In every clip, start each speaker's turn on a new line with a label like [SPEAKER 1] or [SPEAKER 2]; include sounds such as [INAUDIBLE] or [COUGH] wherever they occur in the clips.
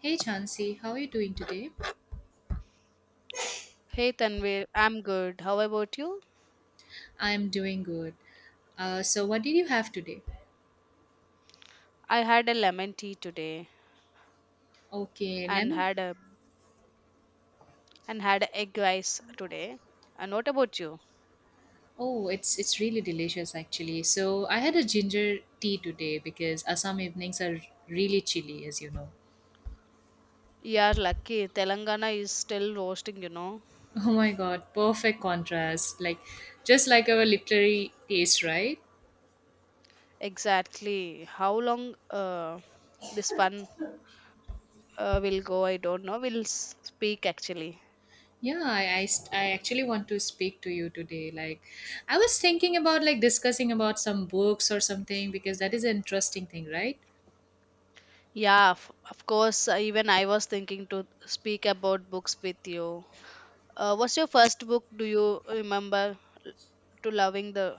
[SPEAKER 1] Hey Chansey, how are you doing today?
[SPEAKER 2] Hey Tanvir, I'm good. How about you?
[SPEAKER 1] I am doing good. So what did you have today?
[SPEAKER 2] I had a lemon tea today
[SPEAKER 1] Okay,
[SPEAKER 2] and
[SPEAKER 1] lemon.
[SPEAKER 2] had a and had a egg rice today. And what about you?
[SPEAKER 1] Oh, it's really delicious actually. So I had a ginger tea today because Assam evenings are really chilly, as you know.
[SPEAKER 2] Yeah, lucky Telangana is still roasting, you know.
[SPEAKER 1] [LAUGHS] Oh my God, perfect contrast. Like just like our literary taste, right?
[SPEAKER 2] Exactly. How long this one will go, I don't know. We'll speak actually.
[SPEAKER 1] Yeah, I actually want to speak to you today. Like, I was thinking about like discussing about some books or something because that is an interesting thing, right?
[SPEAKER 2] Yeah, of course. Even I was thinking to speak about books with you. What's your first book? Do you remember to loving the?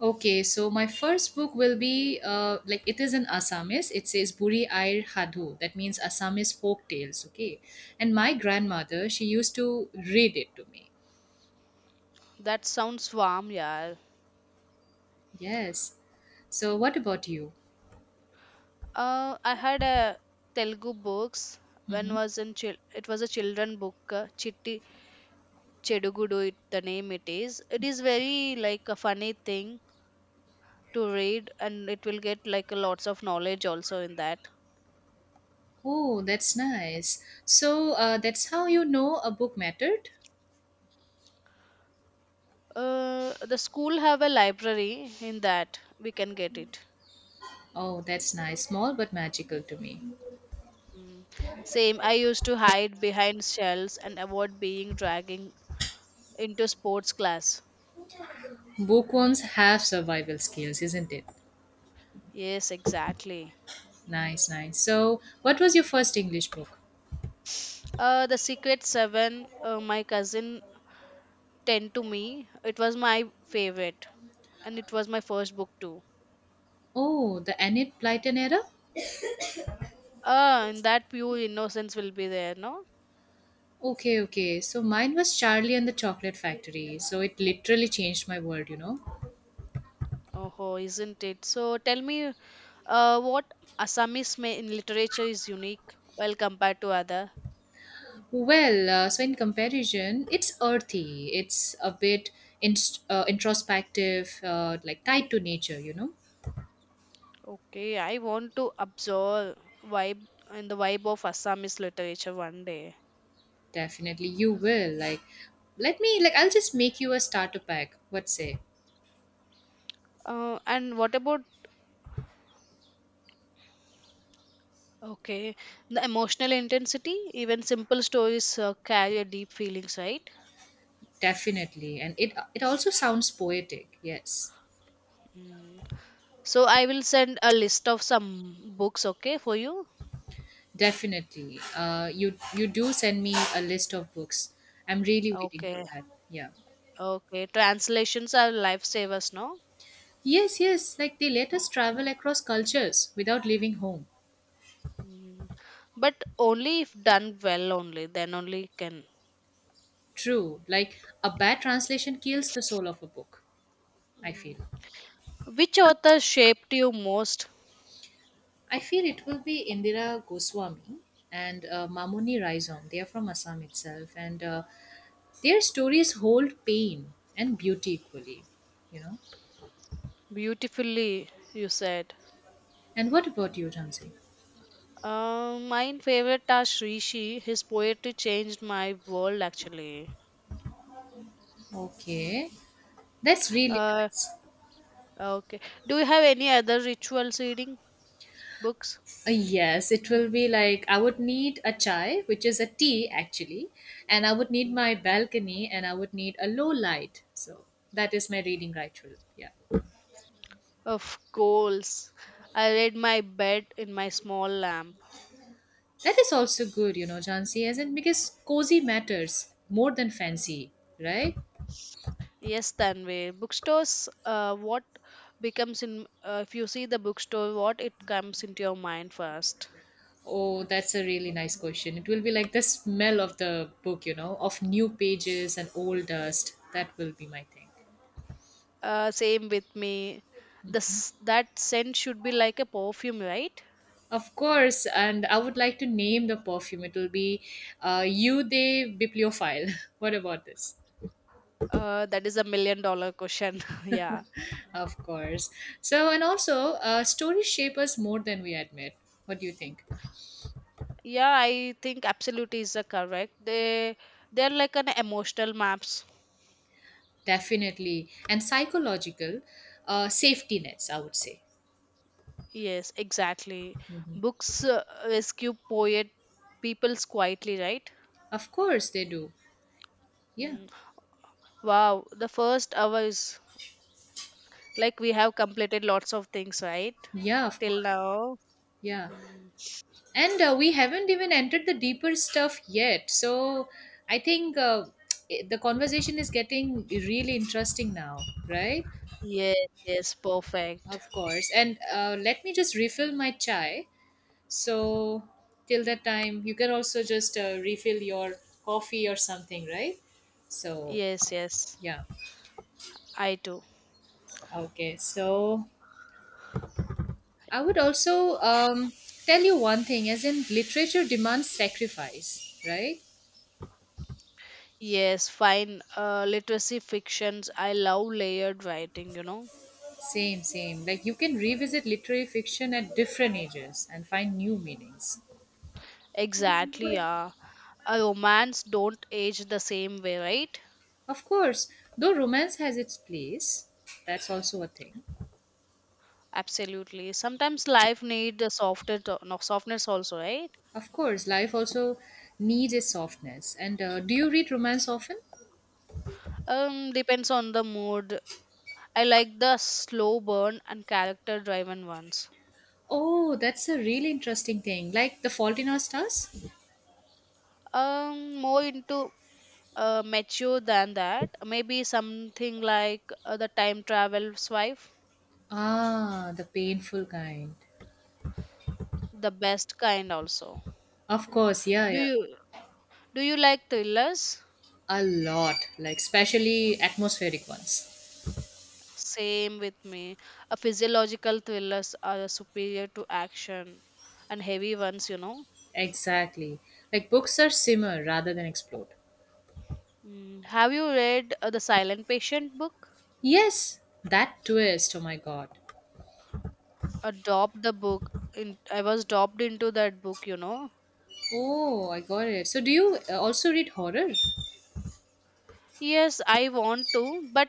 [SPEAKER 1] Okay, so my first book will be like it is in Assamese. It says Buri Air Hadhu," That means Assamese folk tales. Okay, and my grandmother she used to read it to me.
[SPEAKER 2] That sounds warm, yeah.
[SPEAKER 1] Yes. So what about you?
[SPEAKER 2] I had a Telugu books when
[SPEAKER 1] Hmm.
[SPEAKER 2] was in it was a children book, Chitti Chedugudu it the name it is. It is very like a funny thing to read and it will get like lots of knowledge also in that.
[SPEAKER 1] Oh, that's nice. So that's how you know a book mattered.
[SPEAKER 2] The school have a library in that we can get it.
[SPEAKER 1] Oh, that's nice. Small but magical to me.
[SPEAKER 2] Mm. Same. I used to hide behind shells and avoid being dragging into sports class.
[SPEAKER 1] Bookworms have survival skills, isn't it?
[SPEAKER 2] Yes, exactly.
[SPEAKER 1] Nice, nice. So what was your first English book?
[SPEAKER 2] The Secret Seven. My cousin 10 to me. It was my favorite and it was my first book too.
[SPEAKER 1] Oh, the Enid Blyton era.
[SPEAKER 2] Ah, and that pure innocence will be there, no?
[SPEAKER 1] Okay, okay. So mine was Charlie and the Chocolate Factory. So it literally changed my world.
[SPEAKER 2] Oh, isn't it? So tell me, what Assamese in literature is unique well compared to other?
[SPEAKER 1] Well, so in comparison, it's earthy. It's a bit introspective, like tied to nature.
[SPEAKER 2] Okay, I want to absorb vibe and the vibe of Assamese literature one day.
[SPEAKER 1] Definitely, you will. Like, let me, like, I'll just make you a starter pack. What say?
[SPEAKER 2] And what about okay, the emotional intensity? Even simple stories carry a deep feelings, right?
[SPEAKER 1] Definitely. And it also sounds poetic. Yes,
[SPEAKER 2] Mm. So I will send a list of some books, okay, for you.
[SPEAKER 1] definitely. You do send me a list of books. I'm really waiting for
[SPEAKER 2] Okay,
[SPEAKER 1] that. Yeah.
[SPEAKER 2] okay. Translations are lifesavers, no?
[SPEAKER 1] Yes, yes, like they let us travel across cultures without leaving home.
[SPEAKER 2] Mm. But only if done well, only then only can.
[SPEAKER 1] True, like a bad translation kills the soul of a book, I
[SPEAKER 2] Mm.
[SPEAKER 1] feel.
[SPEAKER 2] Which author shaped you most
[SPEAKER 1] I feel it will be Indira Goswami and Mamuni Raizom. They are from Assam itself, and their stories hold pain and beauty equally, you know.
[SPEAKER 2] beautifully? You said.
[SPEAKER 1] And what about you, Jansi?
[SPEAKER 2] My favorite are Rishi. His poetry changed my world, actually.
[SPEAKER 1] Okay, that's really
[SPEAKER 2] Uh,
[SPEAKER 1] nice.
[SPEAKER 2] okay. Do you have any other rituals reading books?
[SPEAKER 1] Yes, it will be like I would need a chai, which is a tea actually, and I would need
[SPEAKER 2] Hmm.
[SPEAKER 1] my balcony and I would need a low light. So that is my reading ritual. Yeah.
[SPEAKER 2] Of course. I read my bed in my small lamp.
[SPEAKER 1] That is also good, Jansi, as in because cozy matters more than fancy, right?
[SPEAKER 2] Yes, Tanvi. Bookstores, if you see the bookstore, what it comes into your mind first?
[SPEAKER 1] Oh, that's a really nice question. It will be like the smell of the book, of new pages and old dust. That will be my thing.
[SPEAKER 2] Same with me. This, that scent should be like a perfume, right?
[SPEAKER 1] Of course, and I would like to name the perfume. It will be You De Bibliophile. [LAUGHS] What about this?
[SPEAKER 2] That is a million-dollar question. [LAUGHS] Yeah.
[SPEAKER 1] Of course. So, and also, stories shape us more than we admit. What do you think?
[SPEAKER 2] Yeah, I think absolutely is a correct. They're like an emotional maps.
[SPEAKER 1] Definitely. And psychological safety nets, I would say.
[SPEAKER 2] Yes, exactly. Books rescue poet peoples quietly, right?
[SPEAKER 1] Of course, they do. Yeah.
[SPEAKER 2] Mm. Wow, the first hour is like we have completed lots of things, right?
[SPEAKER 1] Yeah, of
[SPEAKER 2] Till
[SPEAKER 1] course.
[SPEAKER 2] now.
[SPEAKER 1] Yeah.
[SPEAKER 2] Mm.
[SPEAKER 1] And we haven't even entered the deeper stuff yet. So, I think [TSK] the conversation is getting really interesting now, right?
[SPEAKER 2] Yes, yes, perfect.
[SPEAKER 1] Of course. And let me just refill my chai. So, till that time, you can also just refill your coffee or something, right? So,
[SPEAKER 2] Yes, yes,
[SPEAKER 1] yeah.
[SPEAKER 2] I do.
[SPEAKER 1] Okay. So, I would also tell you one thing as in, literature demands sacrifice, right?
[SPEAKER 2] Yes, fine. Literacy fictions, I love layered writing, you know?
[SPEAKER 1] Same, same. Like, you can revisit literary fiction at different ages and find new meanings.
[SPEAKER 2] Exactly, yeah. A romance don't age the same way, right?
[SPEAKER 1] Of course, though romance has its place, that's also a thing.
[SPEAKER 2] Absolutely. Sometimes life need a softer to- no, softness also, right?
[SPEAKER 1] Of course, life also needs a softness. And do you read romance often?
[SPEAKER 2] Depends on the mood. I like the slow burn and character driven ones.
[SPEAKER 1] Oh, that's a really interesting thing. Like The Fault in Our Stars?
[SPEAKER 2] More into mature than that. Maybe something like the time travel swipe,
[SPEAKER 1] Ah, the painful kind.
[SPEAKER 2] the best kind also.
[SPEAKER 1] Of course, yeah,
[SPEAKER 2] Do
[SPEAKER 1] yeah.
[SPEAKER 2] you do you like thrillers?
[SPEAKER 1] A lot, like especially atmospheric ones.
[SPEAKER 2] Same with me. A physiological thrillers are superior to action and heavy ones, you know.
[SPEAKER 1] Exactly. Like books are simmer rather than explode.
[SPEAKER 2] Mm, have you read the Silent Patient book?
[SPEAKER 1] Yes, that twist. Oh my god.
[SPEAKER 2] Adopt the book. In, I was dropped into that book, you know.
[SPEAKER 1] Oh, I got it. So do you also read horror?
[SPEAKER 2] Yes, I want to, but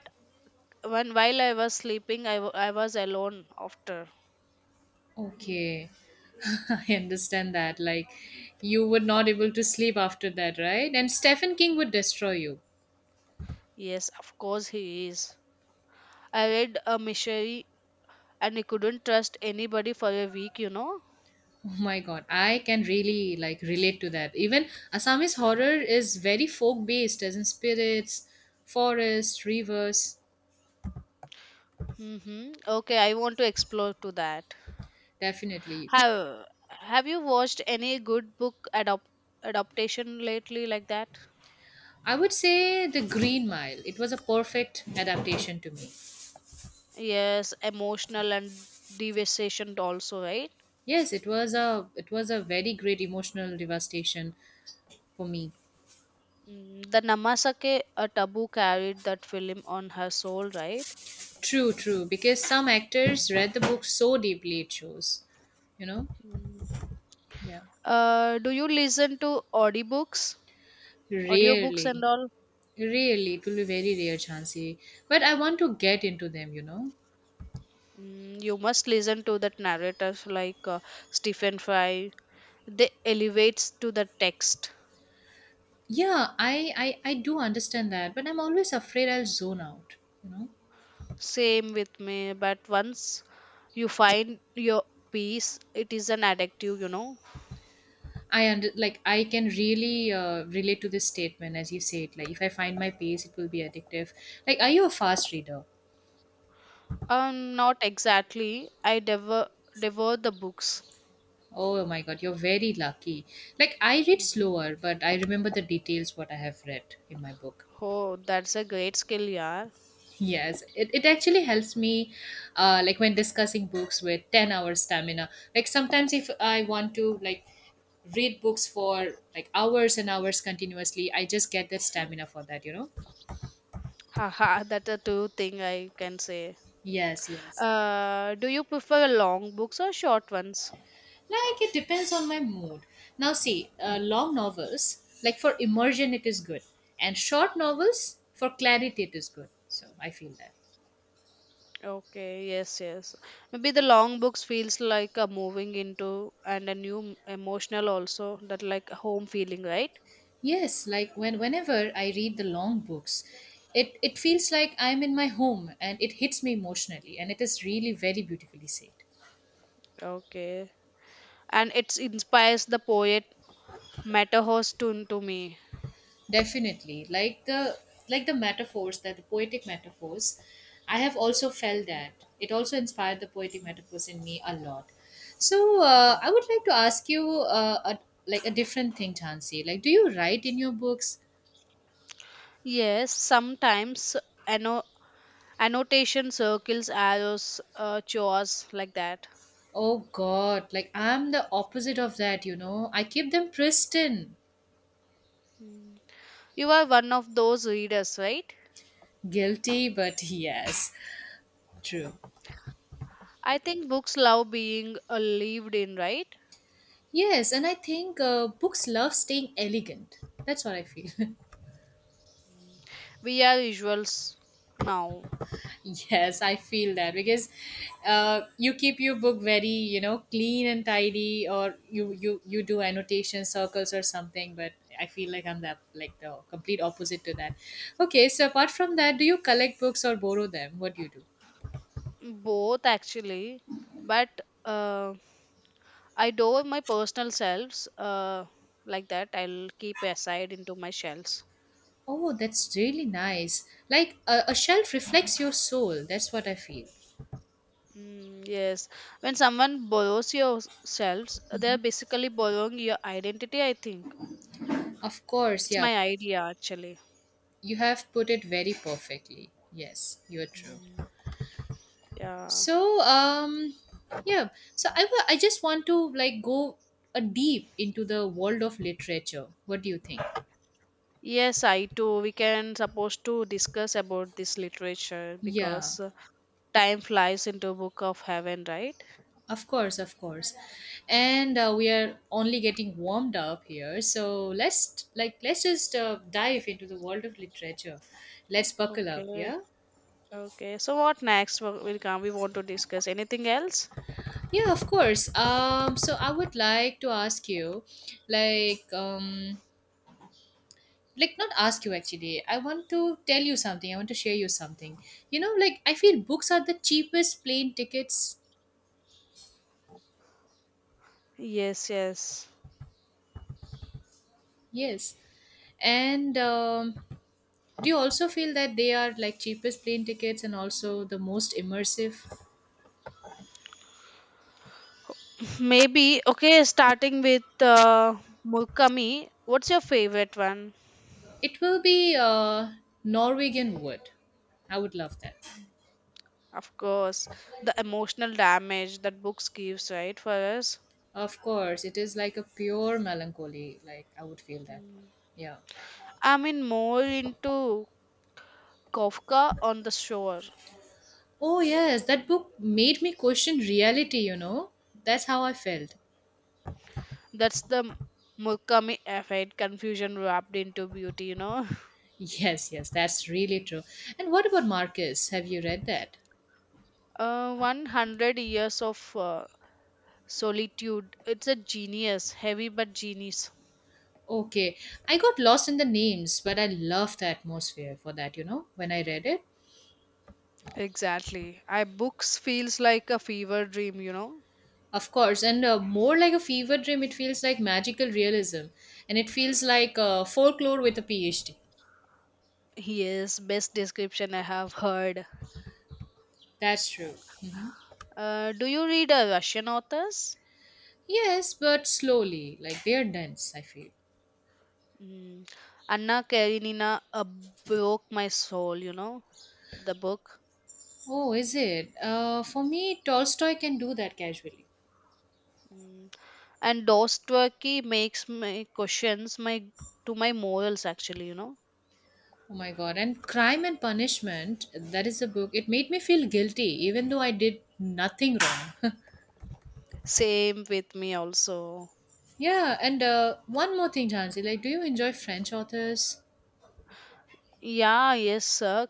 [SPEAKER 2] when while I was sleeping, I was alone after.
[SPEAKER 1] Okay. [LAUGHS] I understand that. Like you were not able to sleep after that, right? And Stephen King would destroy you.
[SPEAKER 2] Yes, of course he is. I read a mystery and I couldn't trust anybody for a week, you know.
[SPEAKER 1] Oh my god, I can really like relate to that. Even Assamese horror is very folk based as in spirits, forests, rivers,
[SPEAKER 2] Mm-hmm. Okay, I want to explore to that.
[SPEAKER 1] definitely.
[SPEAKER 2] Have you watched any good book adopt adaptation lately like that?
[SPEAKER 1] I would say The Green Mile. It was a perfect adaptation to me.
[SPEAKER 2] Yes, emotional and devastation also, right?
[SPEAKER 1] Yes, it was a very great emotional devastation for me.
[SPEAKER 2] Mm, The Namasake a taboo carried that film on her soul, right?
[SPEAKER 1] True, true. Because some actors read the book so deeply it shows. You know?
[SPEAKER 2] Mm.
[SPEAKER 1] Yeah.
[SPEAKER 2] Do you listen to audiobooks and
[SPEAKER 1] Really.
[SPEAKER 2] all?
[SPEAKER 1] Really. It will be very rare, Chansey. But I want to get into them, you know?
[SPEAKER 2] Mm, you must listen to that narrators like Stephen Fry. They elevates to the text.
[SPEAKER 1] Yeah, I do understand that, but I'm always afraid I'll zone out, you know?
[SPEAKER 2] Same with me, but once you find your peace, it is an addictive, you know.
[SPEAKER 1] Like I can really relate to this statement as you say it. Like if I find my pace, it will be addictive. Like, are you a fast reader?
[SPEAKER 2] Not exactly. I devour the books.
[SPEAKER 1] Oh my god, you're very lucky. Like I read
[SPEAKER 2] Mm.
[SPEAKER 1] slower, but I remember the details what I have read in my book.
[SPEAKER 2] Oh, that's a great skill, yeah.
[SPEAKER 1] Yes, it actually helps me like when discussing books with 10 hours stamina. Like sometimes if I want to like read books for like hours and hours continuously, I just get the stamina for that, you know?
[SPEAKER 2] Haha, [LAUGHS] that's a true thing I can say.
[SPEAKER 1] Yes, yes.
[SPEAKER 2] Do you prefer long books or short ones?
[SPEAKER 1] Like it depends on my mood. Now see, long novels, like for immersion it is good and short novels for clarity it is good. So I feel that.
[SPEAKER 2] Okay, yes, yes. Maybe the long books feels like a moving into and a new emotional also that like a home feeling, right?
[SPEAKER 1] Yes, like whenever I read the long books, it feels like I'm in my home and it hits me emotionally and it is really very beautifully said.
[SPEAKER 2] Okay, and it inspires the poet Matterhorn to me.
[SPEAKER 1] Definitely. Like the metaphors that the poetic metaphors, I have also felt that. It also inspired the poetic metaphors in me a lot. So
[SPEAKER 2] Mm.
[SPEAKER 1] I would like to ask you like a different thing, Chansey. Like, do you write in your books?
[SPEAKER 2] Yes, sometimes. Ano Annotation circles arrows, chores, like that.
[SPEAKER 1] Oh God, like I'm the opposite of that. I keep them pristine.
[SPEAKER 2] Mm. You are one of those readers, right?
[SPEAKER 1] Guilty, but yes. True.
[SPEAKER 2] I think books love being, lived in, right?
[SPEAKER 1] Yes, and I think books love staying elegant. That's what I feel. [LAUGHS]
[SPEAKER 2] Mm. We are visuals now.
[SPEAKER 1] Yes, I feel that because you keep your book very, clean and tidy, or you do annotation circles or something. But I feel like I'm the complete opposite to that. Okay, so apart from that, do you collect books or borrow them? What do you do?
[SPEAKER 2] Both actually, but uh, I do my personal selves, uh, like that I'll keep aside into my shelves.
[SPEAKER 1] Oh, that's really nice. Like a shelf reflects your soul. That's what I feel.
[SPEAKER 2] Mm, yes. When someone borrows your selves, they're basically borrowing your identity, I think.
[SPEAKER 1] Of course,
[SPEAKER 2] It's
[SPEAKER 1] yeah.
[SPEAKER 2] my idea, actually.
[SPEAKER 1] You have put it very perfectly. Yes, you're true.
[SPEAKER 2] Mm. Yeah.
[SPEAKER 1] So, yeah. So I just want to like go a deep into the world of literature. What do you think?
[SPEAKER 2] Yes, I too. We can supposed to discuss about this literature
[SPEAKER 1] Yeah,
[SPEAKER 2] because time flies into book of heaven, right?
[SPEAKER 1] of course, of course. And we are only getting warmed up here. So let's just dive into the world of literature. Let's buckle up.
[SPEAKER 2] Okay.
[SPEAKER 1] Yeah.
[SPEAKER 2] Okay. So what next will come? We want to discuss anything else?
[SPEAKER 1] Yeah, of course. So I would like to ask you, like, um, like not ask you actually. I want to tell you something. I want to share you something. Like I feel books are the cheapest plane tickets.
[SPEAKER 2] Yes, yes.
[SPEAKER 1] Yes. And do you also feel that they are like cheapest plane tickets and also the most immersive?
[SPEAKER 2] Maybe okay. Starting with uh, Murakami. What's your favorite one?
[SPEAKER 1] It will be Norwegian Wood. I would love that.
[SPEAKER 2] Of course, the emotional damage that books gives, right, for us.
[SPEAKER 1] Of course, it is like a pure melancholy. Like I would feel that.
[SPEAKER 2] Mm.
[SPEAKER 1] Yeah.
[SPEAKER 2] I'm in more into Kafka on the shore.
[SPEAKER 1] Oh yes, that book made me question reality. That's how I felt.
[SPEAKER 2] That's the Murkami effect, confusion wrapped into beauty, you know. [LAUGHS]
[SPEAKER 1] Yes, yes, that's really true. And what about Marcus? Have you read that?
[SPEAKER 2] 100 years of solitude. It's a genius, heavy but genius.
[SPEAKER 1] Okay, I got lost in the names, but I love the atmosphere for that, when I read it.
[SPEAKER 2] Exactly. I books feels like a fever dream, you know.
[SPEAKER 1] Of course, and more like a fever dream, it feels like magical realism. And it feels like folklore with a PhD.
[SPEAKER 2] Yes, best description I have heard.
[SPEAKER 1] That's true.
[SPEAKER 2] Do you read Russian authors?
[SPEAKER 1] Yes, but slowly, like they are dense, I feel.
[SPEAKER 2] Mm. Anna Karenina broke my soul, you know, the book.
[SPEAKER 1] Oh, is it? For me, Tolstoy can do that casually.
[SPEAKER 2] Mm. And Dostoevsky makes my questions my to my morals actually, you know.
[SPEAKER 1] Oh my god. And Crime and Punishment, that is a book. It made me feel guilty even though I did nothing wrong.
[SPEAKER 2] Same with me also.
[SPEAKER 1] [LAUGHS] Yeah, and one more thing, Jansi, like do you enjoy French authors?
[SPEAKER 2] Yeah, yes sir.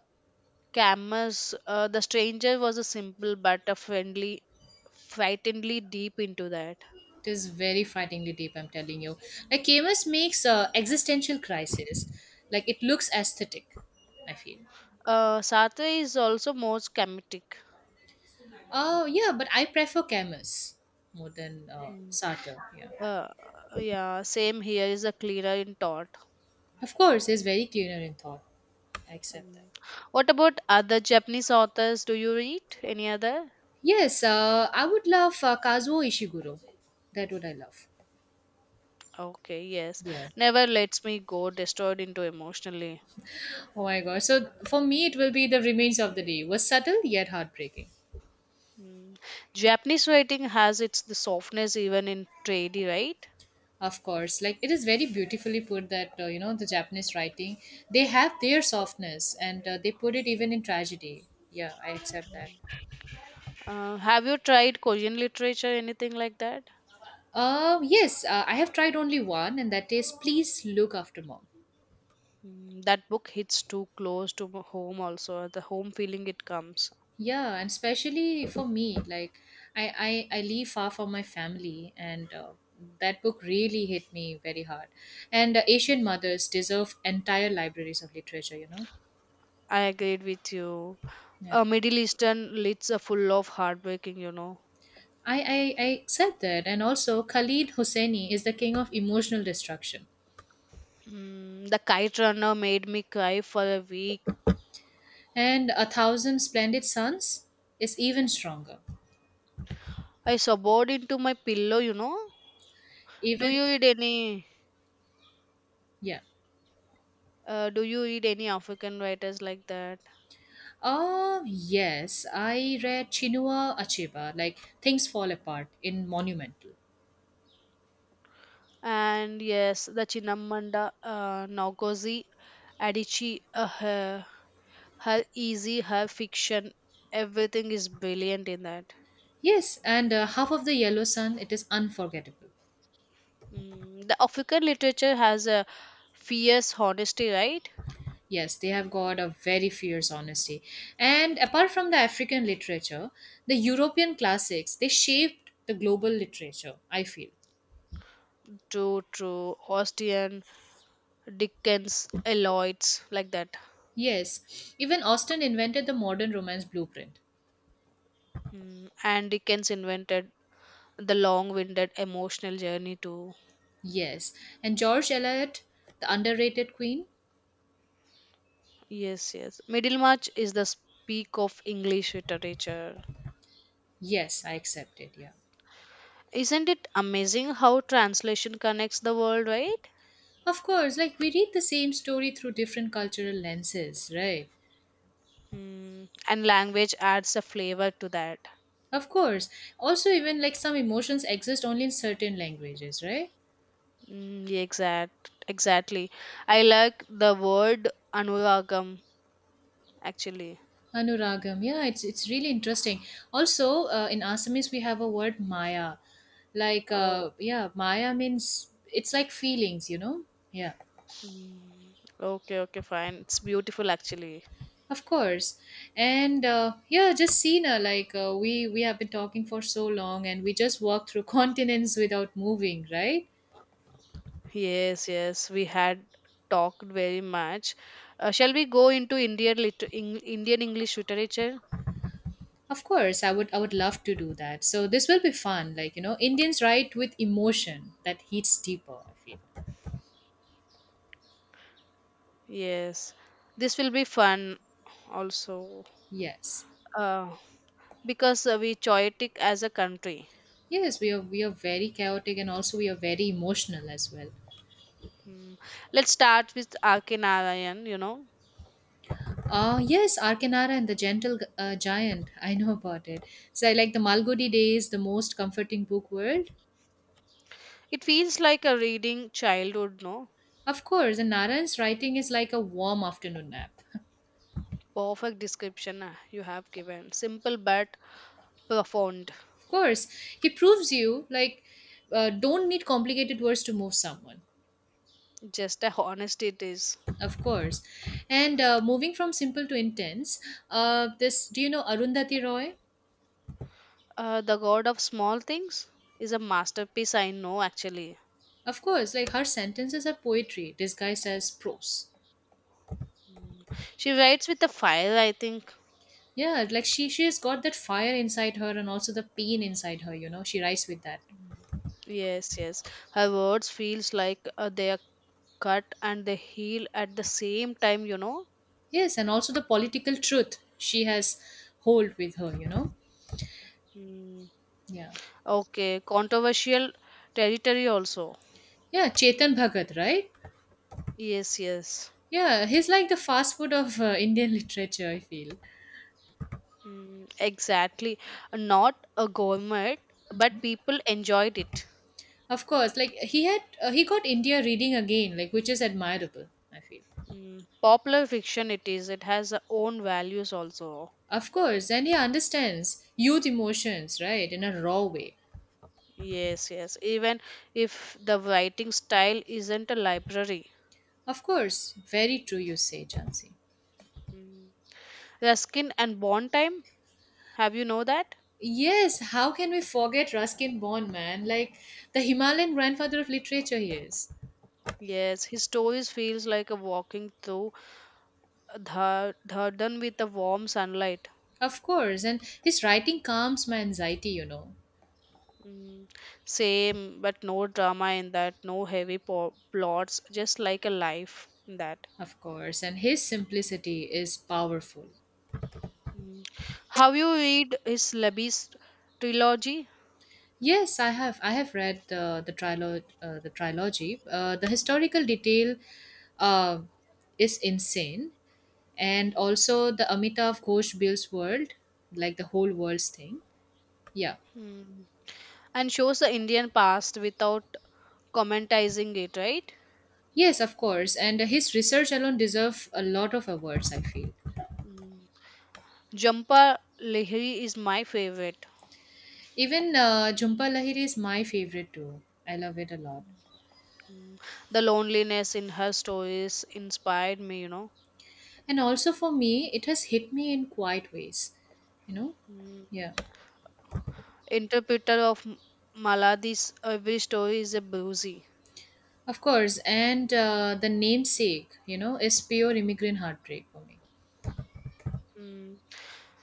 [SPEAKER 2] Camus the stranger was a simple but a friendly frighteningly deep into that.
[SPEAKER 1] It is very frighteningly deep, I'm telling you. Like Camus makes existential crisis. Like it looks aesthetic, I feel.
[SPEAKER 2] Uh Sartre is also more schematic.
[SPEAKER 1] Oh, yeah, but I prefer Camus more than
[SPEAKER 2] Mm.
[SPEAKER 1] Sartre, yeah.
[SPEAKER 2] uh yeah, same here is a clearer in thought.
[SPEAKER 1] Of course, he's very cleaner in thought. I accept that.
[SPEAKER 2] Mm. What about other Japanese authors, do you read any other?
[SPEAKER 1] Yes, I would love Kazuo Ishiguro. That would I love.
[SPEAKER 2] Okay, yes.
[SPEAKER 1] Yeah.
[SPEAKER 2] Never lets me go, destroyed into emotionally.
[SPEAKER 1] Oh my gosh. So for me, it will be the remains of the day. Was subtle yet heartbreaking.
[SPEAKER 2] Mm. Japanese writing has its the softness even in tradie, right?
[SPEAKER 1] Of course, like it is very beautifully put that you know the Japanese writing, they have their softness and they put it even in tragedy. Yeah, I accept that.
[SPEAKER 2] Have you tried Korean literature, anything like that?
[SPEAKER 1] Yes, I have tried only one, and that is Please Look After Mom.
[SPEAKER 2] Mm, that book hits too close to home, also the home feeling it comes.
[SPEAKER 1] Yeah, and especially for me, like I live far from my family, and that book really hit me very hard. And Asian mothers deserve entire libraries of literature. You know,
[SPEAKER 2] I agreed with you.
[SPEAKER 1] yeah.
[SPEAKER 2] Middle Eastern lids are full of heartbreaking, you know.
[SPEAKER 1] I accept that, and also Khalid Hosseini is the king of emotional destruction,
[SPEAKER 2] Mm, the Kite Runner made me cry for a week.
[SPEAKER 1] and a thousand splendid sons is even stronger.
[SPEAKER 2] I sobbed into my pillow, you know. Do
[SPEAKER 1] Even
[SPEAKER 2] you read any?
[SPEAKER 1] yeah.
[SPEAKER 2] Do you read any African writers like that?
[SPEAKER 1] Oh yes, I read Chinua Achebe, like Things Fall Apart in Monumental.
[SPEAKER 2] And yes, the Chinamanda Ngozi Adichie, her easy, her fiction, everything is brilliant in that.
[SPEAKER 1] Yes, and half of the Yellow Sun, it is unforgettable.
[SPEAKER 2] Mm, the African literature has a fierce honesty, right?
[SPEAKER 1] Yes, they have got a very fierce honesty. And apart from the African literature, the European classics, they shaped the global literature, I feel.
[SPEAKER 2] True, true. Austen, Dickens, Eliot's, like that.
[SPEAKER 1] Yes, even Austen invented the modern romance blueprint.
[SPEAKER 2] Mm, and Dickens invented the long-winded emotional journey too.
[SPEAKER 1] Yes, and George Eliot, the underrated queen.
[SPEAKER 2] Yes, yes. Middlemarch is the peak of English literature.
[SPEAKER 1] Yes, I accept it, yeah.
[SPEAKER 2] Isn't it amazing how translation connects the world, right?
[SPEAKER 1] Of course, like we read the same story through different cultural lenses, right?
[SPEAKER 2] Mm, and language adds a flavor to that.
[SPEAKER 1] Of course. Also, even like some emotions exist only in certain languages, right?
[SPEAKER 2] Mm, yeah, exactly. I like the word anuragam actually.
[SPEAKER 1] Anuragam. Yeah, it's really interesting. Also, in Assamese we have a word Maya. Like,
[SPEAKER 2] Oh,
[SPEAKER 1] yeah, Maya means it's like feelings, you know. Yeah,
[SPEAKER 2] mm, okay, okay, fine. It's beautiful actually.
[SPEAKER 1] of course. And yeah, just Sina. Like we have been talking for so long, and we just walked through [LAUGHS] continents without moving, right?
[SPEAKER 2] Yes, yes. We had talked very much. Shall we go into Indian English literature?
[SPEAKER 1] Of course, I would love to do that. So this will be fun. Like, you know, Indians write with emotion that hits deeper, I feel.
[SPEAKER 2] Yes, this will be fun also
[SPEAKER 1] Yes.
[SPEAKER 2] uh, because we chaotic as a country.
[SPEAKER 1] Yes, we are very chaotic and also we are very emotional as well.
[SPEAKER 2] Mm. Let's start with R.K. you know.
[SPEAKER 1] Yes, Arcanara and the Gentle Giant. [LAUGHS] I know about it. So I like the Malgudi Days, the most comforting book world.
[SPEAKER 2] It feels like a reading childhood, no?
[SPEAKER 1] Of course, and Narayan's writing is like a warm afternoon nap.
[SPEAKER 2] Perfect description you have given. Simple but profound.
[SPEAKER 1] Of course, he proves you like don't need complicated words to move someone.
[SPEAKER 2] Just a honest it is.
[SPEAKER 1] Of course. And moving from simple to intense, this do you know Arundhati Roy?
[SPEAKER 2] The God of Small Things is a masterpiece, I know actually.
[SPEAKER 1] Of course, like her sentences are poetry disguised as prose.
[SPEAKER 2] Mm. She writes with a fire, I think.
[SPEAKER 1] Yeah, like she has got that fire inside her and also the pain inside her. You know, she writes with that.
[SPEAKER 2] Mm. Yes, yes. Her words feels like they are cut and the heal at the same time, you know.
[SPEAKER 1] Yes, and also the political truth she has hold with her. You know,
[SPEAKER 2] Hmm.
[SPEAKER 1] yeah,
[SPEAKER 2] Okay, controversial territory also.
[SPEAKER 1] yeah. Chetan Bhagat, right?
[SPEAKER 2] Yes, yes.
[SPEAKER 1] Yeah, he's like the fast food of Indian [LAUGHS] literature. I feel.
[SPEAKER 2] Mm, exactly. Not a gourmet, but people enjoyed it.
[SPEAKER 1] Of course, like he got India reading again, like which is admirable. I feel.
[SPEAKER 2] Mm, popular fiction it is, it has its own values also.
[SPEAKER 1] Of course, and he understands youth emotions, right, in a raw way.
[SPEAKER 2] Yes, yes. Even if the writing style isn't a library.
[SPEAKER 1] Of course, very true you say, Jansi.
[SPEAKER 2] Mm. Ruskin and bond time, have you know that?
[SPEAKER 1] Yes, how can we forget Ruskin Bond, man? Like the Himalayan grandfather of literature he is.
[SPEAKER 2] Yes, his stories feels like a walking through third, third done with the warm sunlight.
[SPEAKER 1] Of course, and his writing calms my anxiety, you know.
[SPEAKER 2] Mm, same, but no drama in that, no plots, just like a life in that.
[SPEAKER 1] Of course, and his simplicity is powerful.
[SPEAKER 2] Mm. How you read is Labis trilogy.
[SPEAKER 1] Yes, I have. I have read the trilogy. The historical detail uh, is insane, and also the Amitav Ghosh builds world, like the whole world's thing. Yeah.
[SPEAKER 2] Mm. And shows the Indian past without commentizing it, right?
[SPEAKER 1] Yes, of course. And his research alone deserve a lot of awards. I feel.
[SPEAKER 2] Mm. Jhampa Lahiri is my favorite.
[SPEAKER 1] Even Jhumpa Lahiri is my favorite too. I love it a lot.
[SPEAKER 2] Mm. The loneliness in her stories inspired me, you know.
[SPEAKER 1] And also for me, it has hit me in quiet ways. You know.
[SPEAKER 2] Mm.
[SPEAKER 1] Yeah.
[SPEAKER 2] Interpreter of Maladi's every story is a bruisey.
[SPEAKER 1] Of course, and the namesake, you know, is pure immigrant heartbreak for me.
[SPEAKER 2] Mm.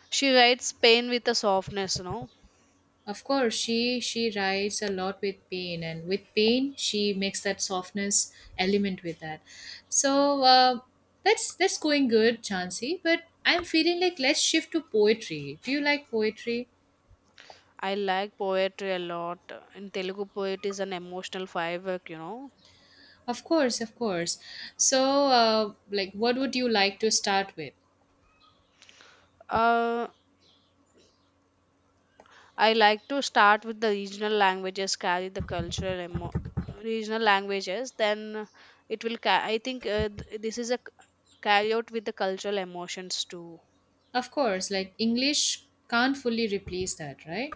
[SPEAKER 2] She writes pain with a softness, you know.
[SPEAKER 1] Of course, she writes a lot with pain, and with pain, she makes that softness element with that. So that's going good, Chansey. But I'm feeling like let's shift to poetry. Do you like poetry?
[SPEAKER 2] I like poetry a lot, and Telugu poetry is an emotional firework, you know.
[SPEAKER 1] Of course, of course. So, like, what would you like to start with?
[SPEAKER 2] Uh, I like to start with the regional languages, carry the regional languages, then it will. I think this is a carry out with the cultural emotions too.
[SPEAKER 1] Of course, like English can't fully replace that, right?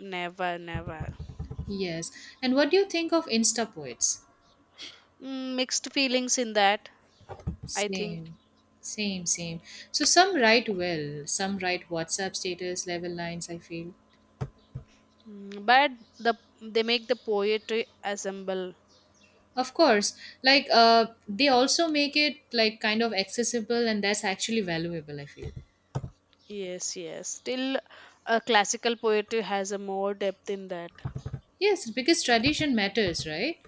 [SPEAKER 2] Never, never.
[SPEAKER 1] Yes. And what do you think of Insta poets?
[SPEAKER 2] Mm, mixed feelings in that, I think.
[SPEAKER 1] Same. Same, same. So some write well, some write WhatsApp status level lines, I feel.
[SPEAKER 2] Mm, but the they make the poetry assemble.
[SPEAKER 1] Of course. Like they also make it like kind of accessible and that's actually valuable, I feel.
[SPEAKER 2] Yes, yes. Still, classical poetry has a more depth in that.
[SPEAKER 1] Yes, because tradition matters, right?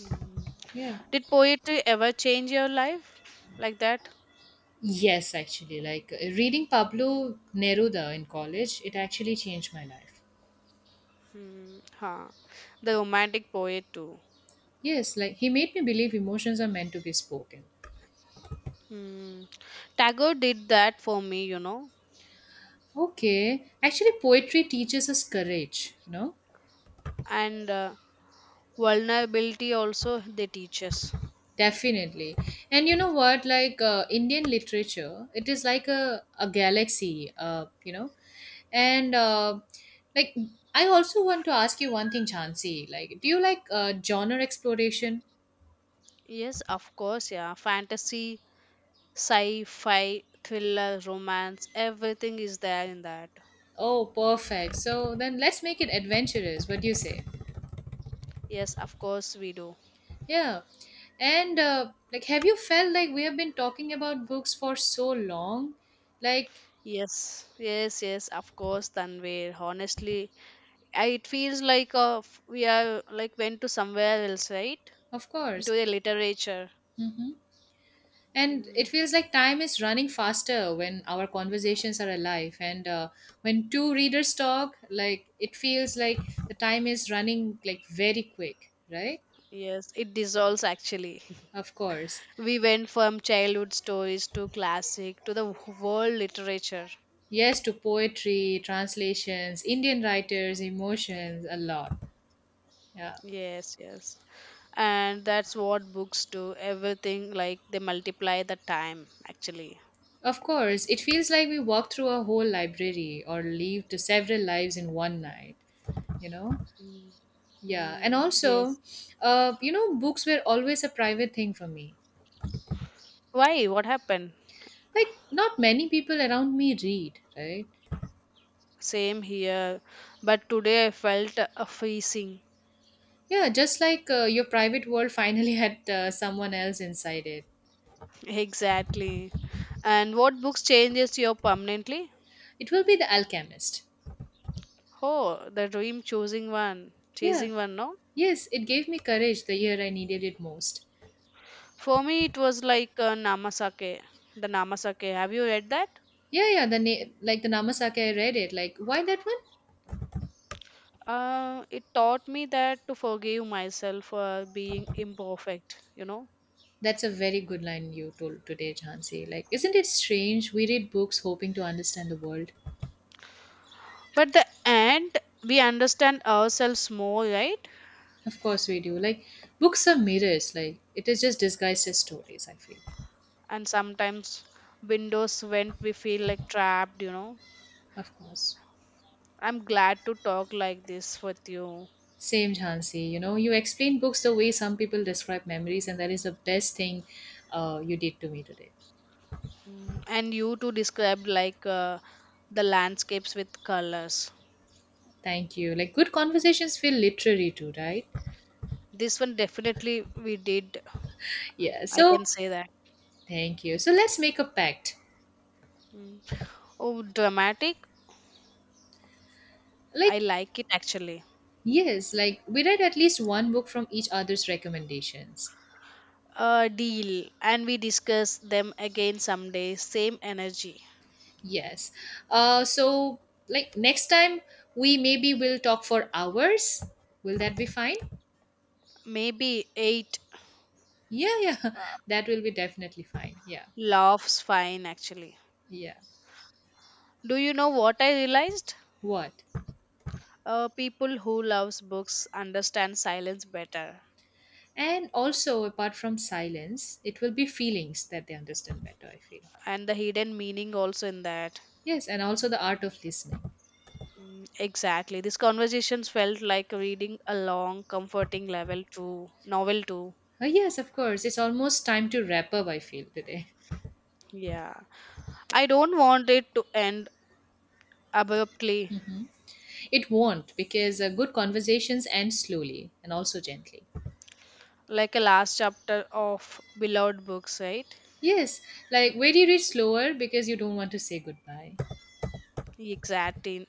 [SPEAKER 2] Mm.
[SPEAKER 1] Yeah.
[SPEAKER 2] Did poetry ever change your life like that?
[SPEAKER 1] Yes, actually. Like reading Pablo Neruda in college, it actually changed my life.
[SPEAKER 2] Hmm, huh. The romantic poet too.
[SPEAKER 1] Yes, like he made me believe emotions are meant to be spoken.
[SPEAKER 2] Mm. Tagore did that for me, you know.
[SPEAKER 1] Okay, actually, poetry teaches us courage, no?
[SPEAKER 2] And vulnerability also they teach us.
[SPEAKER 1] Definitely. And you know what? Like Indian literature, it is like a galaxy, you know? And like, I also want to ask you one thing, Chansi. Like, do you like genre exploration?
[SPEAKER 2] Yes, of course, yeah. Fantasy, sci-fi, thriller, romance, everything is there in that.
[SPEAKER 1] Oh, perfect. So then let's make it adventurous. What do you say?
[SPEAKER 2] Yes, of course we do.
[SPEAKER 1] Yeah. And like, have you felt like we have been talking about books for so long? Like,
[SPEAKER 2] Yes, yes, yes, of course, Tanvir. Honestly, it feels like we are like went to somewhere else, right?
[SPEAKER 1] of
[SPEAKER 2] Into
[SPEAKER 1] course.
[SPEAKER 2] the literature.
[SPEAKER 1] Mm-hmm. And it
[SPEAKER 2] Mm,
[SPEAKER 1] feels like time is running faster when our conversations are alive. And when two readers talk, like it feels like the time is running like very quick, right?
[SPEAKER 2] yes, it dissolves actually.
[SPEAKER 1] Of course.
[SPEAKER 2] [LAUGHS] We went from childhood stories to classic to the world literature.
[SPEAKER 1] Yes, to poetry, translations, Indian writers, emotions, a lot. Yeah.
[SPEAKER 2] Yes, yes. And that's what books do. Everything, like they multiply the time actually.
[SPEAKER 1] Of course, it feels like we walked through a whole library or lived several lives in one night, you know?
[SPEAKER 2] Mm,
[SPEAKER 1] Yeah. And
[SPEAKER 2] mm,
[SPEAKER 1] also,
[SPEAKER 2] yes.
[SPEAKER 1] you know, books were always a private thing for me.
[SPEAKER 2] Why? What happened?
[SPEAKER 1] Like not many people around me read, right?
[SPEAKER 2] Same here, but today I felt a freezing.
[SPEAKER 1] Yeah, just like your private world finally [LAUGHS] had someone else inside it.
[SPEAKER 2] [LAUGHS] Exactly. And what books changes you permanently?
[SPEAKER 1] It will be the alchemist.
[SPEAKER 2] Oh, the dream choosing one,
[SPEAKER 1] Yeah,
[SPEAKER 2] chasing one, no?
[SPEAKER 1] yes, it gave me courage the year I needed it most.
[SPEAKER 2] For me, it was like the Namasake. Have you read that?
[SPEAKER 1] Yeah, yeah, like the namasake, I read it. Like why that one?
[SPEAKER 2] It taught me that to forgive myself for being imperfect, you know.
[SPEAKER 1] That's a very good line you told today, Jhansi. Like isn't it strange we read books hoping to understand the world?
[SPEAKER 2] But the end, we understand ourselves more, right?
[SPEAKER 1] Of course we do. Like books are mirrors, like it is just disguised as stories, I feel.
[SPEAKER 2] And sometimes windows when we feel like trapped, you know.
[SPEAKER 1] Of course.
[SPEAKER 2] I'm glad to talk like this with you.
[SPEAKER 1] Same, Jhansi. You know, you explain books the way some people describe memories, and that is the best thing you did to me today.
[SPEAKER 2] Mm, and you to describe like the landscapes with colors.
[SPEAKER 1] Thank you. Like, good conversations feel literary too, right?
[SPEAKER 2] This one definitely we did.
[SPEAKER 1] Yeah.
[SPEAKER 2] I
[SPEAKER 1] So,
[SPEAKER 2] can say that.
[SPEAKER 1] thank you. So, let's make a pact.
[SPEAKER 2] Mm. Oh, dramatic. I
[SPEAKER 1] Like,
[SPEAKER 2] like it actually.
[SPEAKER 1] yes, like we read at least one book from each other's recommendations.
[SPEAKER 2] Deal. And we discuss them again someday. Same energy.
[SPEAKER 1] Yes. So, like, next time we maybe will talk for hours. Will that be fine?
[SPEAKER 2] Maybe eight
[SPEAKER 1] Yeah, yeah.
[SPEAKER 2] uh,
[SPEAKER 1] [LAUGHS] That will be definitely fine. Yeah,
[SPEAKER 2] laughs fine actually.
[SPEAKER 1] yeah.
[SPEAKER 2] Do you know what I realized?
[SPEAKER 1] What?
[SPEAKER 2] People who loves books understand silence better
[SPEAKER 1] And also, apart from silence, it will be feelings that they understand better, I feel.
[SPEAKER 2] and the hidden meaning also in that.
[SPEAKER 1] Yes, and also the art of listening.
[SPEAKER 2] Mm, exactly. These conversations felt like reading a long, comforting level to novel too.
[SPEAKER 1] Yes, of course. It's almost time to wrap up, I feel, today.
[SPEAKER 2] Yeah. I don't want it to end abruptly,
[SPEAKER 1] [LAUGHS] It won't, because good conversations end slowly and also gently.
[SPEAKER 2] like a last chapter of beloved books, right?
[SPEAKER 1] Yes, like very do slower because you don't want to say goodbye.
[SPEAKER 2] Exactly.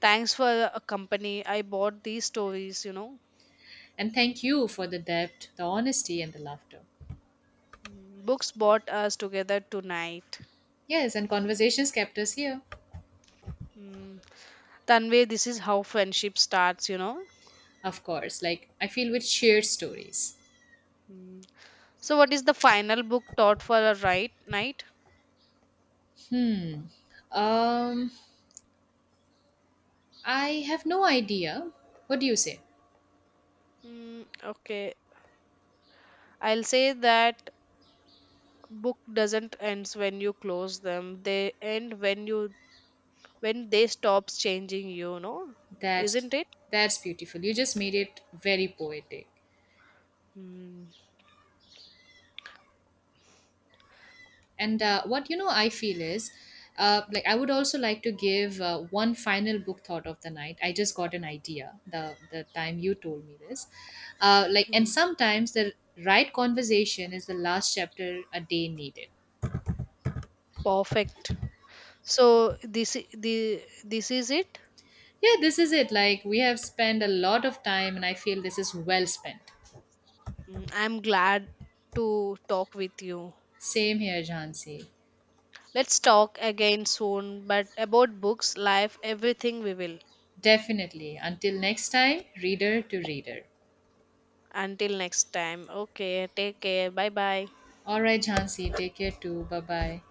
[SPEAKER 2] Thanks for a company. I bought these stories, you know.
[SPEAKER 1] And thank you for the depth, the honesty, and the laughter.
[SPEAKER 2] Mm, books brought us together tonight.
[SPEAKER 1] Yes, and conversations kept us here.
[SPEAKER 2] Mm. Tanvay, this is how friendship starts, you know.
[SPEAKER 1] Of course, like I feel with shared stories.
[SPEAKER 2] Mm. So, what is the final book thought for a right night?
[SPEAKER 1] Um, I have no idea. What do you say?
[SPEAKER 2] Mm, okay. I'll say that book doesn't ends when you close them. They end when you when they stops changing you, no?
[SPEAKER 1] That's
[SPEAKER 2] Isn't it?
[SPEAKER 1] that's beautiful. You just made it very poetic.
[SPEAKER 2] Mm,
[SPEAKER 1] And what you know, I feel is, like I would also like to give one final book thought of the night. I just got an idea the time you told me this. Like, and
[SPEAKER 2] mm,
[SPEAKER 1] sometimes the right conversation is the last chapter a day needed.
[SPEAKER 2] perfect. So this is it.
[SPEAKER 1] Yeah, this is it. Like we have spent a lot of time, and I feel this is well spent.
[SPEAKER 2] Mm, I'm glad to talk with you.
[SPEAKER 1] Same here, Jhansi.
[SPEAKER 2] Let's talk again soon, but about books, life, everything we will.
[SPEAKER 1] Definitely. Until next time, reader to reader.
[SPEAKER 2] Until next time. Okay, take care. Bye bye.
[SPEAKER 1] All right, Jhansi, take care too. Bye bye.